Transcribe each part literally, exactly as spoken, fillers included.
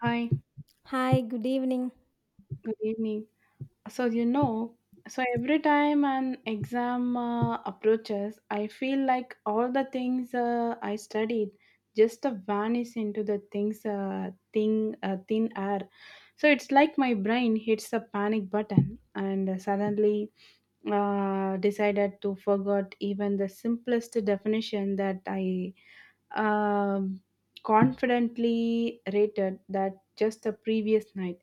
Hi, Hi, good evening. good evening. So, you know, so every time an exam uh, approaches, I feel like all the things uh, I studied just uh, vanish into the things uh, thing uh, thin air. So it's like my brain hits a panic button and suddenly uh, decided to forget even the simplest definition that I um confidently rated that just the previous night.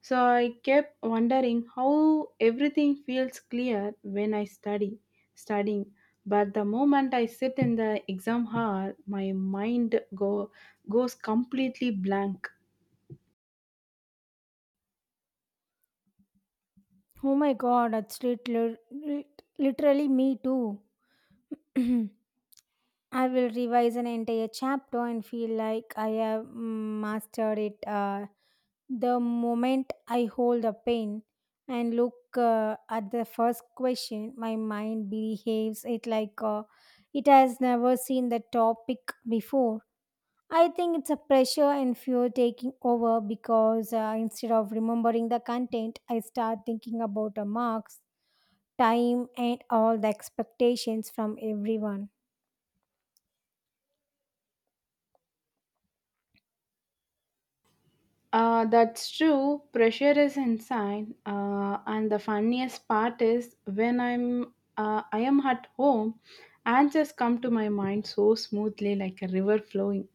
So I kept wondering how everything feels clear when I study, studying. But the moment I sit in the exam hall, my mind go, goes completely blank. Oh my god, it's lit- lit- literally me too. I will revise an entire chapter and feel like I have mm, mastered it uh, The moment I hold a pen and look uh, at the first question, my mind behaves it like uh, it has never seen the topic before. I think it's a pressure and fear taking over because uh, instead of remembering the content, I start thinking about the marks, time, and all the expectations from everyone. Uh, that's true. Pressure is inside, uh, and the funniest part is when I'm uh, I am at home, answers come to my mind so smoothly, like a river flowing.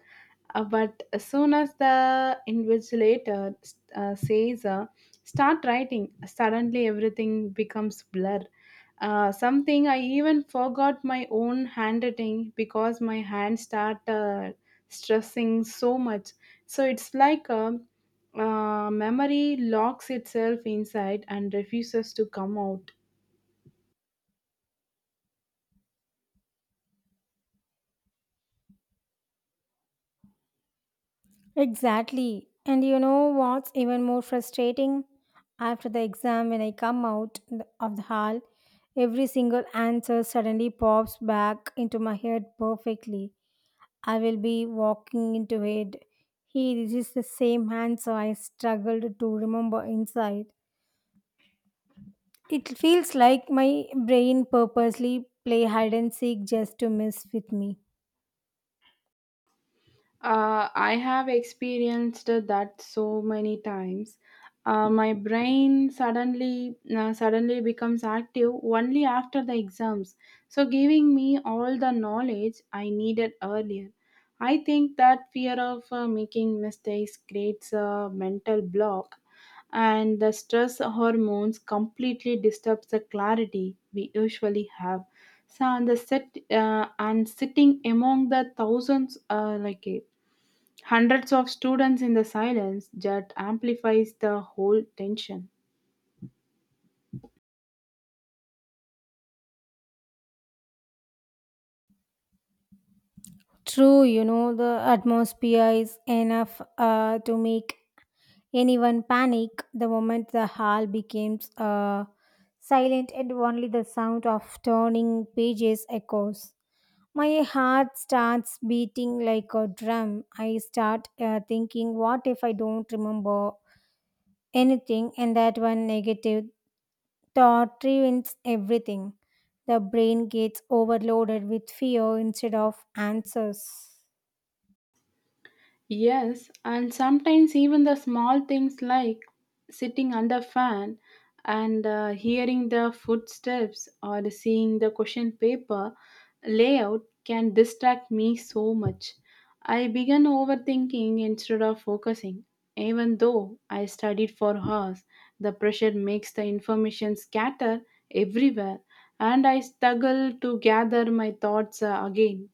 Uh, but as soon as the invigilator uh, says, uh, start writing, suddenly everything becomes blur. Uh, something I even forgot my own handwriting because my hand start uh, stressing so much. So it's like a, uh, memory locks itself inside and refuses to come out. Exactly. And you know what's even more frustrating? After the exam, when I come out th- of the hall, every single answer suddenly pops back into my head perfectly. I will be walking into it. He is the same answer I struggled to remember inside. It feels like my brain purposely play hide and seek just to mess with me. Uh, I have experienced that so many times. Uh, my brain suddenly uh, suddenly becomes active only after the exams, so giving me all the knowledge I needed earlier. I think that fear of uh, making mistakes creates a mental block, and the stress hormones completely disturbs the clarity we usually have. So, and the sit uh, and sitting among the thousands, uh, like hundreds of students in the silence that amplifies the whole tension. True, you know, the atmosphere is enough uh, to make anyone panic the moment the hall becomes uh, silent and only the sound of turning pages echoes. My heart starts beating like a drum. I start uh, thinking, what if I don't remember anything? And that one negative thought ruins everything. The brain gets overloaded with fear instead of answers. Yes, and sometimes even the small things like sitting under fan and uh, hearing the footsteps or seeing the question paper layout can distract me so much. I began overthinking instead of focusing. Even though I studied for hours, the pressure makes the information scatter everywhere and I struggle to gather my thoughts uh, again.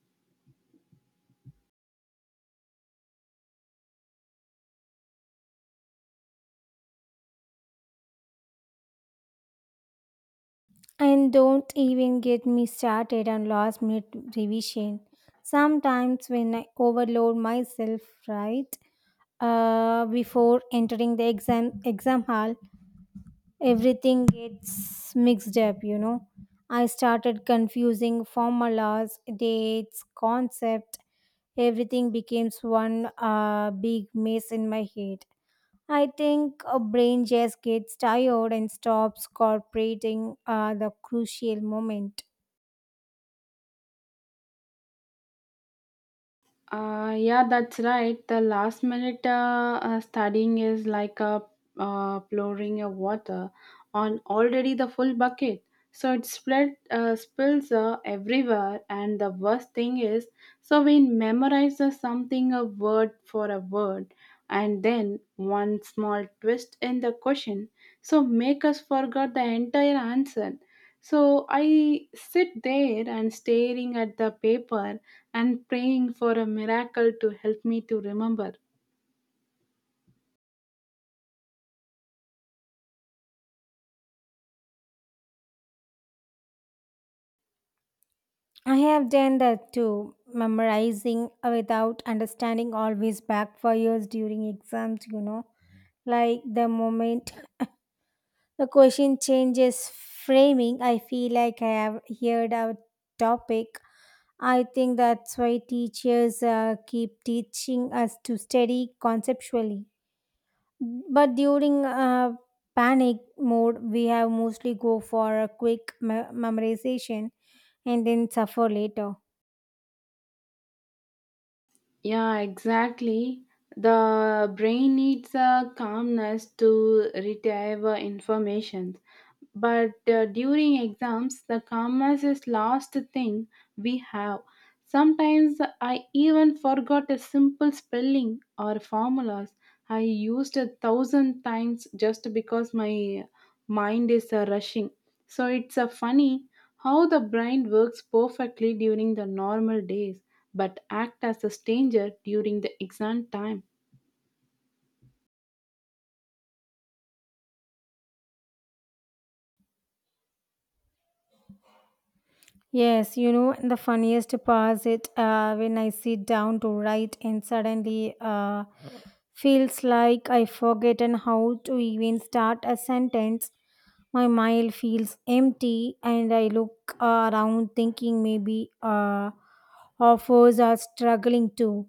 And don't even get me started on last minute revision. Sometimes when I overload myself, right? Uh, before entering the exam exam hall, everything gets mixed up, you know. I started confusing formulas, dates, concept. Everything becomes one uh, big mess in my head. I think a brain just gets tired and stops cooperating uh, the crucial moment. Uh, yeah, that's right. The last minute uh, uh, studying is like a uh, pouring of water on already the full bucket. So it spread, uh, spills uh, everywhere, and the worst thing is, so we memorize uh, something a word for a word, and then one small twist in the question, so make us forget the entire answer. So I sit there and staring at the paper and praying for a miracle to help me to remember. I have done that too. Memorizing without understanding always backfires during exams, you know. Like the moment the question changes framing. I feel like I have heard our topic. I think that's why teachers uh, keep teaching us to study conceptually. But during uh, panic mode, we have mostly go for a quick me- memorization and then suffer later. Yeah, exactly. The brain needs a calmness to retrieve uh, information. But uh, during exams the calmness is last thing we have. Sometimes I even forgot a simple spelling or formulas I used a thousand times just because my mind is uh, rushing. So it's uh, funny how the brain works perfectly during the normal days but act as a stranger during the exam time. Yes, you know, and the funniest part is uh, when I sit down to write and suddenly uh, feels like I forgotten how to even start a sentence. My mind feels empty, and I look uh, around thinking maybe uh, authors are struggling too.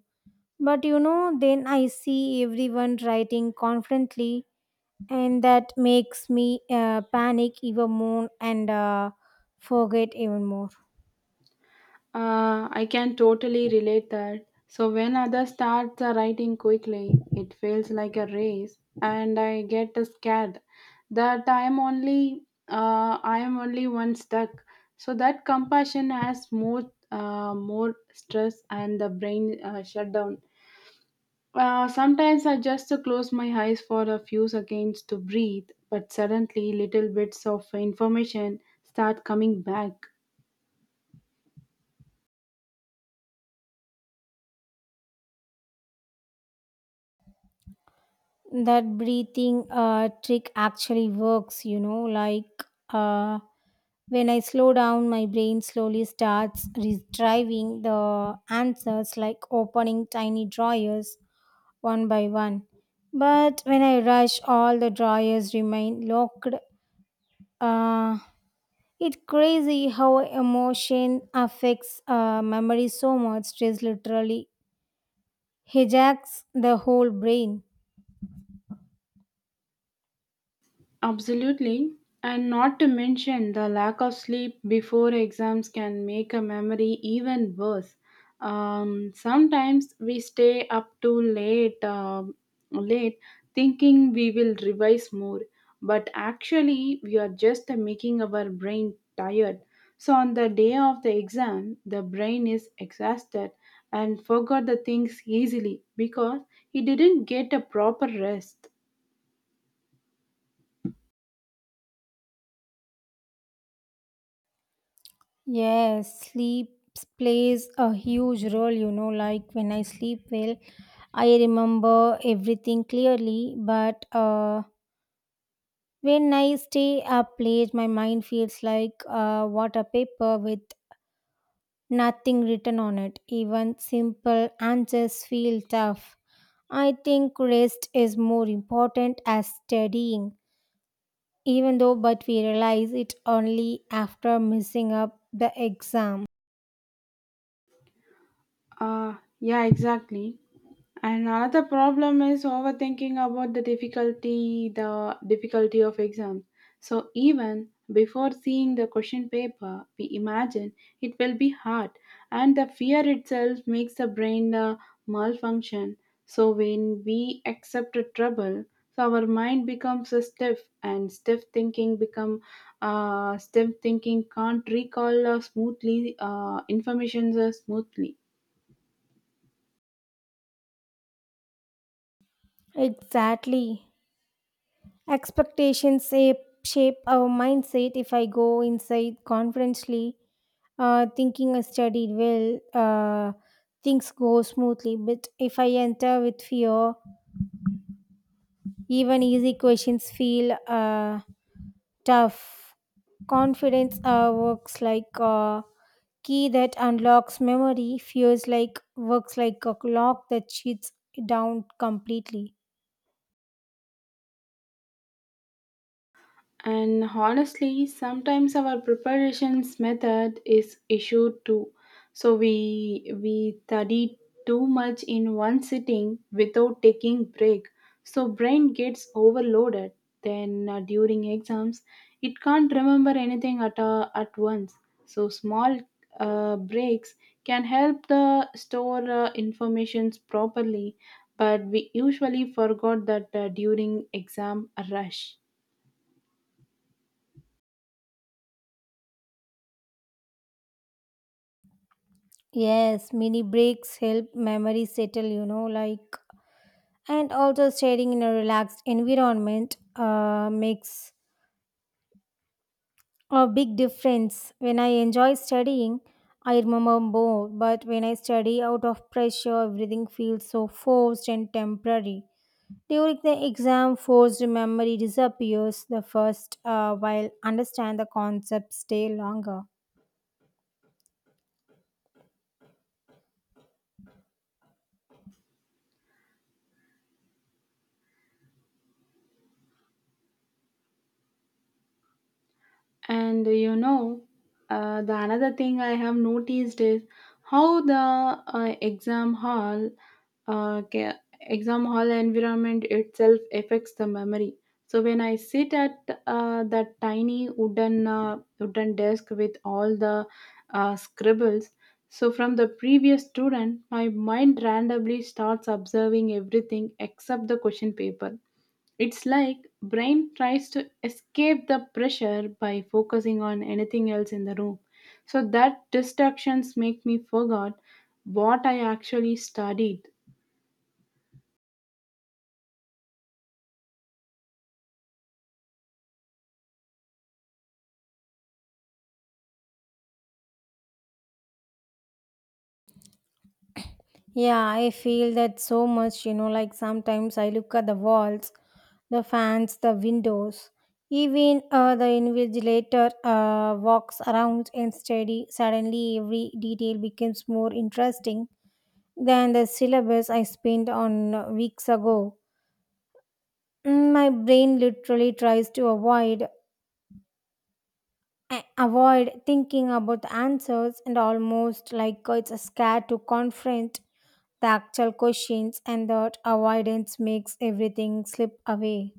But you know, then I see everyone writing confidently, and that makes me uh, panic even more and uh, forget even more. Uh, I can totally relate that. So when others start uh, writing quickly, it feels like a race, and I get scared that I am only uh, I am only one stuck. So that compassion has more uh, more stress, and the brain uh, shut down. Uh, sometimes I just uh, close my eyes for a few seconds to breathe, but suddenly little bits of information start coming back. That breathing uh, trick actually works, you know, like uh, when I slow down, my brain slowly starts retrieving the answers like opening tiny drawers one by one. But when I rush, all the drawers remain locked. uh, it's crazy how emotion affects uh, memory so much. Stress literally hijacks the whole brain. Absolutely. And not to mention the lack of sleep before exams can make a memory even worse. Um, sometimes we stay up too late, um late thinking we will revise more, but actually we are just making our brain tired. So on the day of the exam, the brain is exhausted and forgot the things easily because he didn't get a proper rest. Yes, sleep plays a huge role, you know, like when I sleep well, I remember everything clearly, but uh, when I stay up late, my mind feels like uh, water paper with nothing written on it. Even simple answers feel tough. I think rest is more important as studying, even though, but we realize it only after missing up the exam. Uh, yeah, exactly. And another problem is overthinking about the difficulty, the difficulty of exam. So even before seeing the question paper, we imagine it will be hard, and the fear itself makes the brain uh, malfunction. So when we accept a trouble, so our mind becomes uh, stiff, and stiff thinking become uh, stiff thinking can't recall uh, smoothly uh, information uh, smoothly. Exactly. Expectations shape, Shape our mindset. If I go inside confidently, uh, thinking I studied well, uh, things go smoothly. But if I enter with fear, even easy questions feel uh, tough. Confidence uh, works like a key that unlocks memory. Fears like works like a lock that shuts down completely. And honestly, sometimes our preparations method is issue too. So we we study too much in one sitting without taking break. So brain gets overloaded. Then uh, during exams, it can't remember anything at a, at once. So small uh, breaks can help the store uh, informations properly. But we usually forgot that uh, during exam rush. Yes, mini breaks help memory settle. You know, like and also staying in a relaxed environment uh, makes a big difference. When I enjoy studying, I remember more. But when I study out of pressure, everything feels so forced and temporary. During the exam, forced memory disappears the first uh, while understand the concepts stay longer. And uh, you know, uh, the another thing I have noticed is how the uh, exam hall, uh, ca- exam hall environment itself affects the memory. So when I sit at uh, that tiny wooden uh, wooden desk with all the uh, scribbles, so from the previous student, my mind randomly starts observing everything except the question paper. It's like brain tries to escape the pressure by focusing on anything else in the room. So that distractions make me forget what I actually studied. Yeah, I feel that so much, you know, like sometimes I look at the walls, the fans, the windows, even uh, the invigilator uh, walks around and steady. Suddenly, every detail becomes more interesting than the syllabus I spent on uh, weeks ago. Mm, My brain literally tries to avoid I avoid thinking about the answers, and almost like it's a scare to confront the actual questions, and that avoidance makes everything slip away.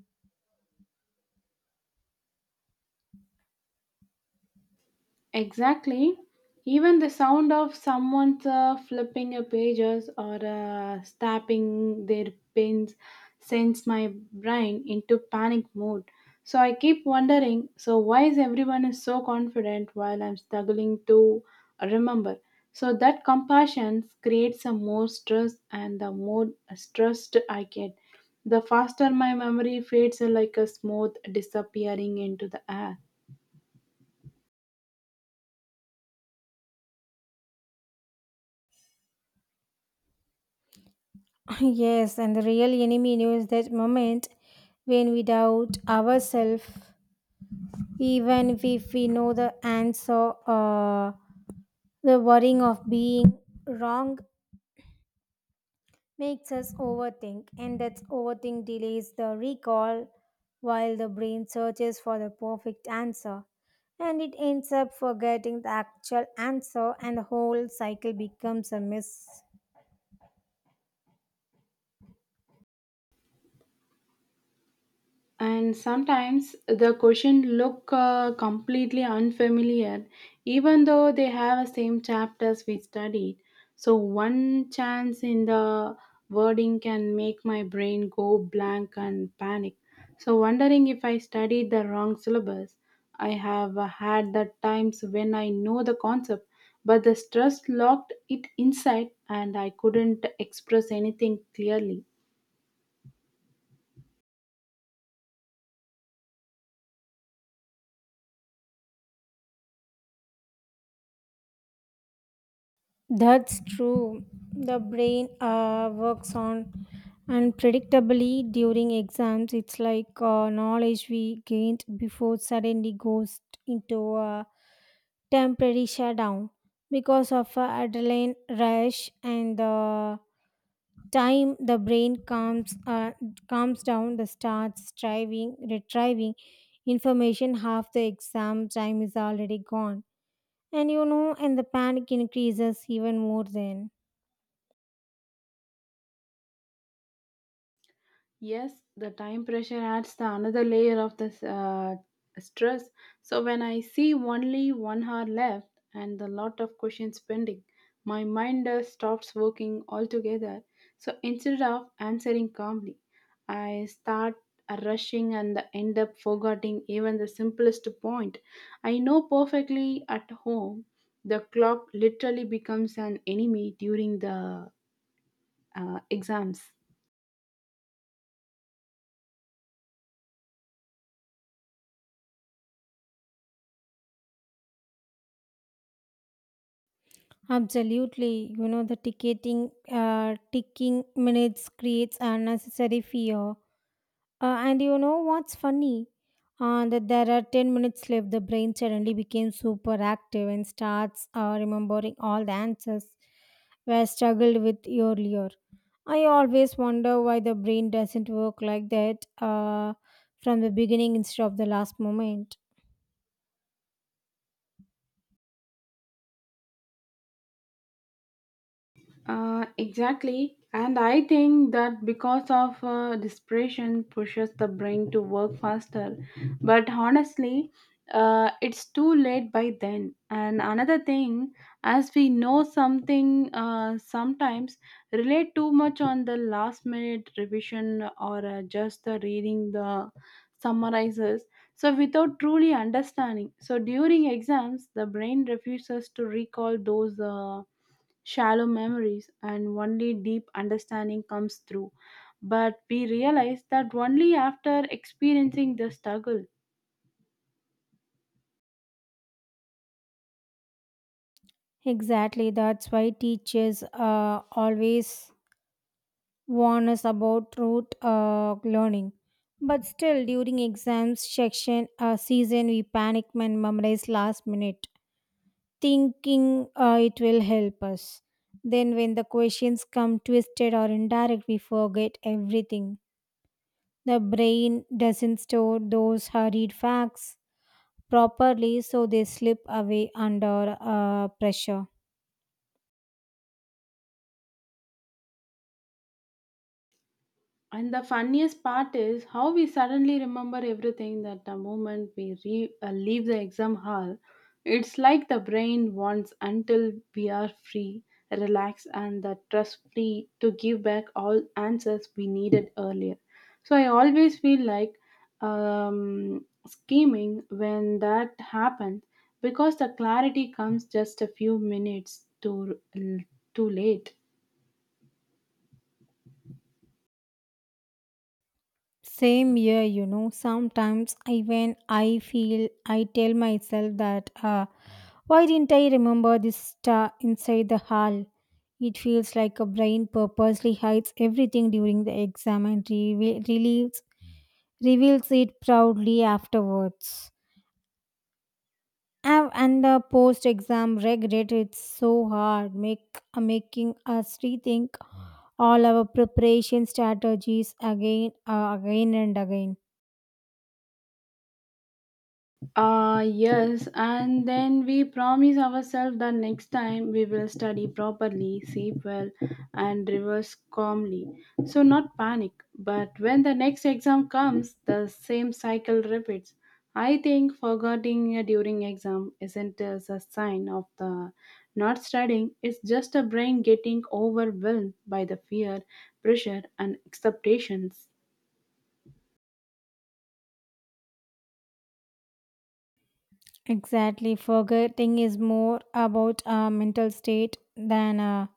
Exactly. Even the sound of someone uh, flipping a pages or uh, stabbing their pins sends my brain into panic mode. So I keep wondering, so why is everyone is so confident while I'm struggling to remember? So that compassion creates a more stress and the more stressed I get, the faster my memory fades uh, like a smooth disappearing into the air. Yes, and the real enemy knows that moment when we doubt ourselves, even if we know the answer, uh, the worrying of being wrong makes us overthink, and that overthink delays the recall while the brain searches for the perfect answer. And it ends up forgetting the actual answer, and the whole cycle becomes a mess. And sometimes the question look uh, completely unfamiliar even though they have the same chapters we studied. So one chance in the wording can make my brain go blank and panic, so wondering if I studied the wrong syllabus. I have uh, had the times when I know the concept but the stress locked it inside and I couldn't express anything clearly. That's true. The brain uh, works on unpredictably during exams. It's like uh, knowledge we gained before suddenly goes into a temporary shutdown because of a adrenaline rush, and the time the brain calms uh, calms down, the starts striving retrieving information, half the exam time is already gone, and you know, and the panic increases even more then. Yes, the time pressure adds the another layer of this uh, stress. So when I see only one hour left and the lot of questions pending, my mind uh, stops working altogether. So instead of answering calmly, I start uh, rushing and end up forgetting even the simplest point. I know perfectly at home, the clock literally becomes an enemy during the uh, exams. Absolutely, you know, the ticketing, uh, ticking minutes creates unnecessary fear. Uh, and you know what's funny? Uh, that there are ten minutes left, the brain suddenly became super active and starts uh, remembering all the answers were struggled with earlier. I always wonder why the brain doesn't work like that uh, from the beginning instead of the last moment. Uh, exactly. And I think that because of uh, desperation pushes the brain to work faster. But honestly, uh, it's too late by then. And another thing, as we know something, uh, sometimes relate too much on the last minute revision or uh, just the reading the summarizes. So without truly understanding. So during exams, the brain refuses to recall those Uh, shallow memories, and only deep understanding comes through. But we realize that only after experiencing the struggle. Exactly, that's why teachers uh, always warn us about rote uh, learning. But still, during exams section uh, season, we panic and memorize last minute, thinking uh, it will help us. Then, when the questions come twisted or indirect, we forget everything. The brain doesn't store those hurried facts properly, so they slip away under uh, pressure. And the funniest part is how we suddenly remember everything that the moment we re- uh, leave the exam hall. It's like the brain wants until we are free, relaxed, and the trust free to give back all answers we needed earlier. So I always feel like um, scheming when that happens because the clarity comes just a few minutes too, too late. Same year, you know, sometimes even I feel I tell myself that. Uh, Why didn't I remember this star inside the hall? It feels like a brain purposely hides everything during the exam and reveal- reveals, reveals it proudly afterwards. Av- And the post-exam regret it's so hard, make uh, making us rethink all our preparation strategies again, uh, again and again. Uh, yes, and then we promise ourselves that next time we will study properly, sleep well, and reverse calmly. So, not panic, but when the next exam comes, the same cycle repeats. I think forgetting during exam isn't as a sign of the not studying, it's just a brain getting overwhelmed by the fear, pressure, and expectations. Exactly. Forgetting is more about a mental state than a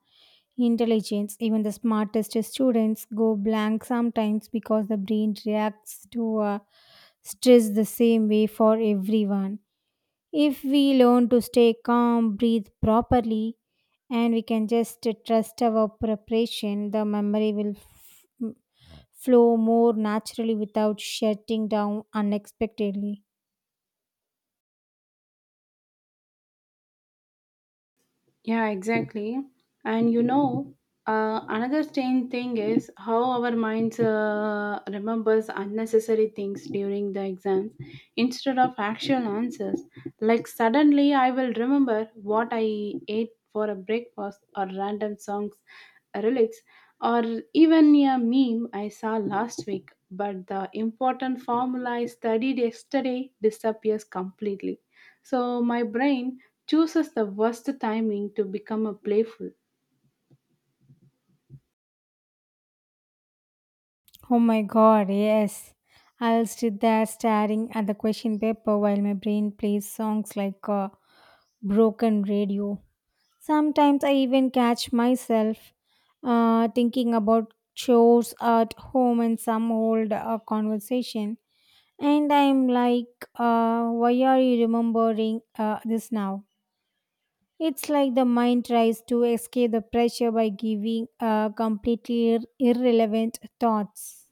intelligence. Even the smartest students go blank sometimes because the brain reacts to uh, stress the same way for everyone. If we learn to stay calm, breathe properly, and we can just trust our preparation, the memory will f- flow more naturally without shutting down unexpectedly. Yeah, exactly. And you know, uh, another strange thing is how our minds uh, remembers unnecessary things during the exams instead of actual answers. Like suddenly, I will remember what I ate for a breakfast or random songs lyrics or even a meme I saw last week. But the important formula I studied yesterday disappears completely. So my brain chooses the worst timing to become a playful. Oh my god, yes. I'll sit there staring at the question paper while my brain plays songs like a broken radio. Sometimes I even catch myself uh, thinking about chores at home and some old uh, conversation. And I'm like, uh, why are you remembering uh, this now? It's like the mind tries to escape the pressure by giving uh, completely ir- irrelevant thoughts.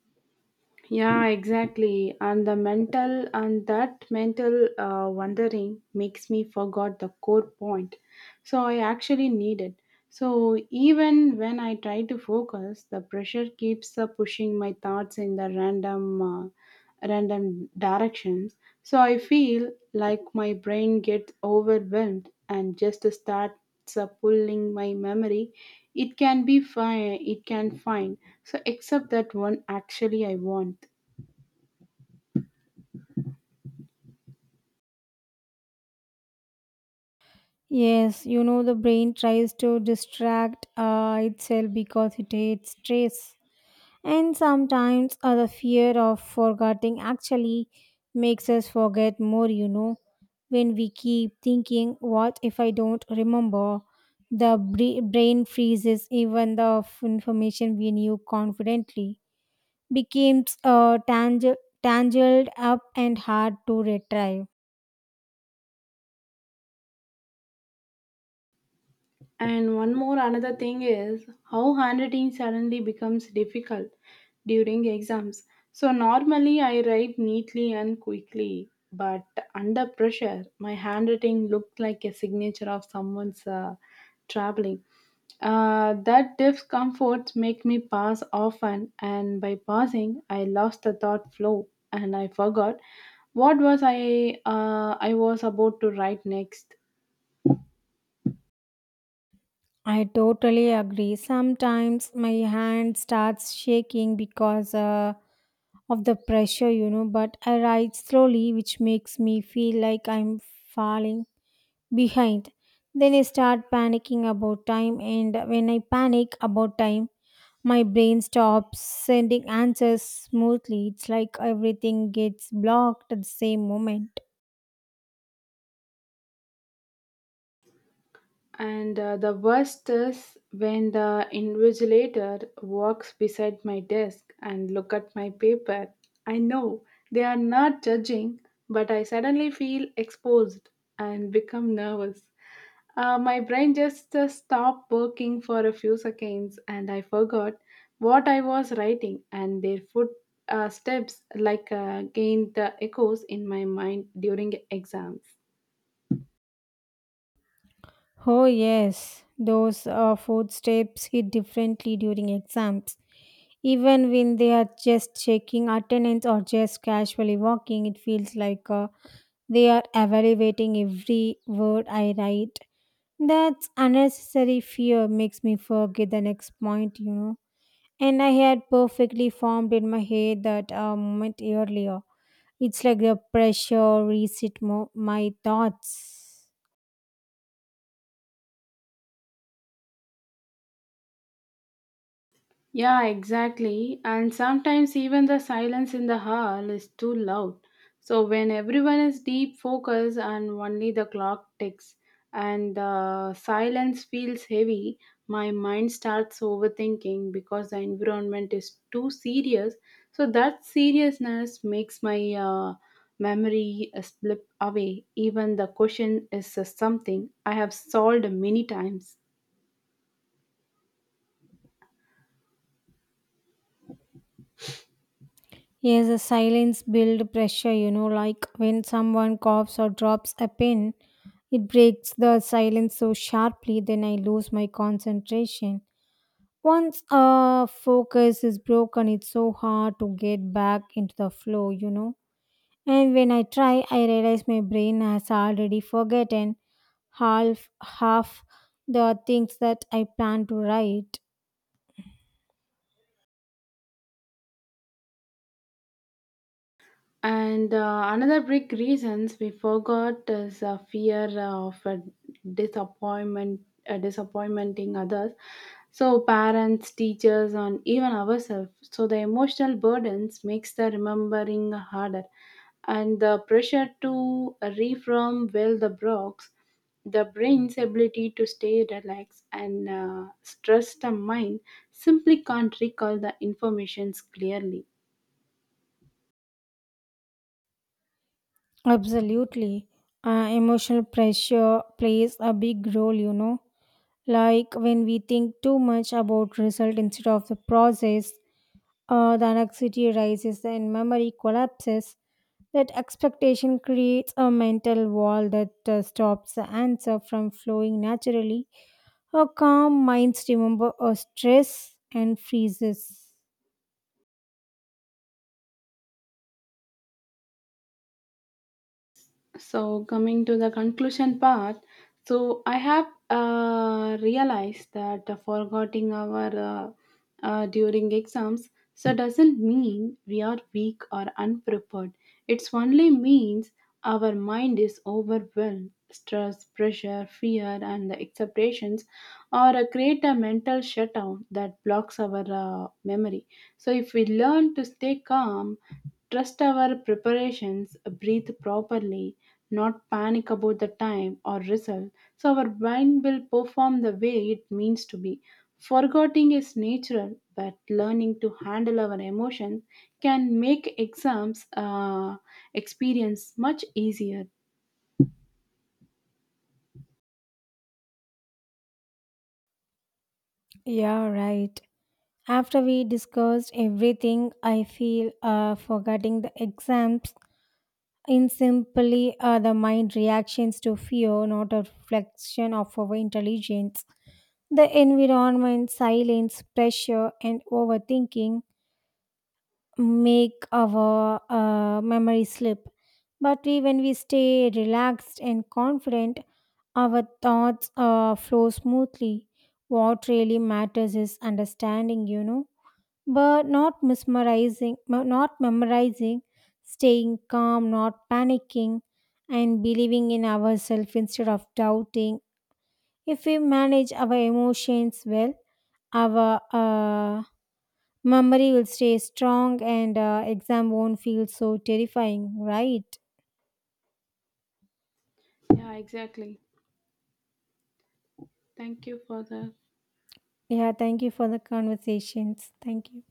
Yeah, exactly. And the mental and that mental uh, wandering makes me forgot the core point. So I actually need it. So even when I try to focus, the pressure keeps uh, pushing my thoughts in the random, uh, random directions. So I feel like my brain gets overwhelmed and just starts uh, pulling my memory. It can be fine. It can find. So except that one actually I want. Yes, you know, the brain tries to distract uh, itself because it hates stress. And sometimes uh, the fear of forgetting actually makes us forget more, you know. When we keep thinking, what if I don't remember? The bra- brain freezes even the f- information we knew confidently, becomes uh, tangle- tangled up and hard to retrieve. And one more another thing is how handwriting suddenly becomes difficult during exams. So normally I write neatly and quickly, but under pressure, my handwriting looked like a signature of someone's uh, traveling. Uh, that discomfort make me pass often, and by passing, I lost the thought flow and I forgot what was I uh, I was about to write next. I totally agree. Sometimes my hand starts shaking because uh, of the pressure, you know, but I write slowly, which makes me feel like I'm falling behind. Then I start panicking about time, and when I panic about time, my brain stops sending answers smoothly. It's like everything gets blocked at the same moment. And uh, the worst is when the invigilator walks beside my desk and look at my paper. I know they are not judging, but I suddenly feel exposed and become nervous. Uh, my brain just uh, stopped working for a few seconds and I forgot what I was writing and their foot uh, steps like uh, gained the echoes in my mind during exams. Oh, yes, those uh, food steps hit differently during exams. Even when they are just checking attendance or just casually walking, it feels like uh, they are evaluating every word I write. That unnecessary fear makes me forget the next point, you know. And I had perfectly formed in my head that uh, moment earlier. It's like the pressure reset mo- my thoughts. Yeah, exactly. And sometimes even the silence in the hall is too loud. So when everyone is deep focused and only the clock ticks and the silence feels heavy, my mind starts overthinking because the environment is too serious. So that seriousness makes my uh, memory uh, slip away. Even the question is uh, something I have solved many times. Yes, the silence build pressure, you know, like when someone coughs or drops a pin, it breaks the silence so sharply, then I lose my concentration. Once a focus is broken, it's so hard to get back into the flow, you know. And when I try, I realize my brain has already forgotten half half the things that I plan to write. And uh, another big reasons we forgot is a fear of uh, disappointment, uh, disappointing others. So parents, teachers, and even ourselves. So the emotional burdens makes the remembering harder, and the pressure to reform well the blocks the brain's ability to stay relaxed and uh, stress the mind simply can't recall the informations clearly. Absolutely. Uh, emotional pressure plays a big role, you know. Like when we think too much about result instead of the process, uh, the anxiety rises and memory collapses. That expectation creates a mental wall that uh, stops the answer from flowing naturally. Our calm minds remember our stress and freezes. So coming to the conclusion part, so I have uh, realized that uh, forgetting our uh, uh, during exams so doesn't mean we are weak or unprepared. It's only means our mind is overwhelmed. Stress, pressure, fear, and the expectations, or uh, create a mental shutdown that blocks our uh, memory. So, if we learn to stay calm, trust our preparations, breathe properly, not panic about the time or result, so our mind will perform the way it means to be. Forgetting is natural, but learning to handle our emotions can make exams uh, experience much easier. Yeah, right. After we discussed everything, I feel uh, forgetting the exams in simply, uh, the mind reactions to fear, not a reflection of our intelligence. The environment, silence, pressure, and overthinking make our uh, memory slip. But we, when we stay relaxed and confident, our thoughts uh, flow smoothly. What really matters is understanding, you know, but not mesmerizing, but not memorizing, staying calm, not panicking, and believing in ourselves instead of doubting. If we manage our emotions well, our uh, memory will stay strong and uh, exam won't feel so terrifying, right? Yeah, exactly. Thank you for the Yeah, thank you for the conversations. Thank you.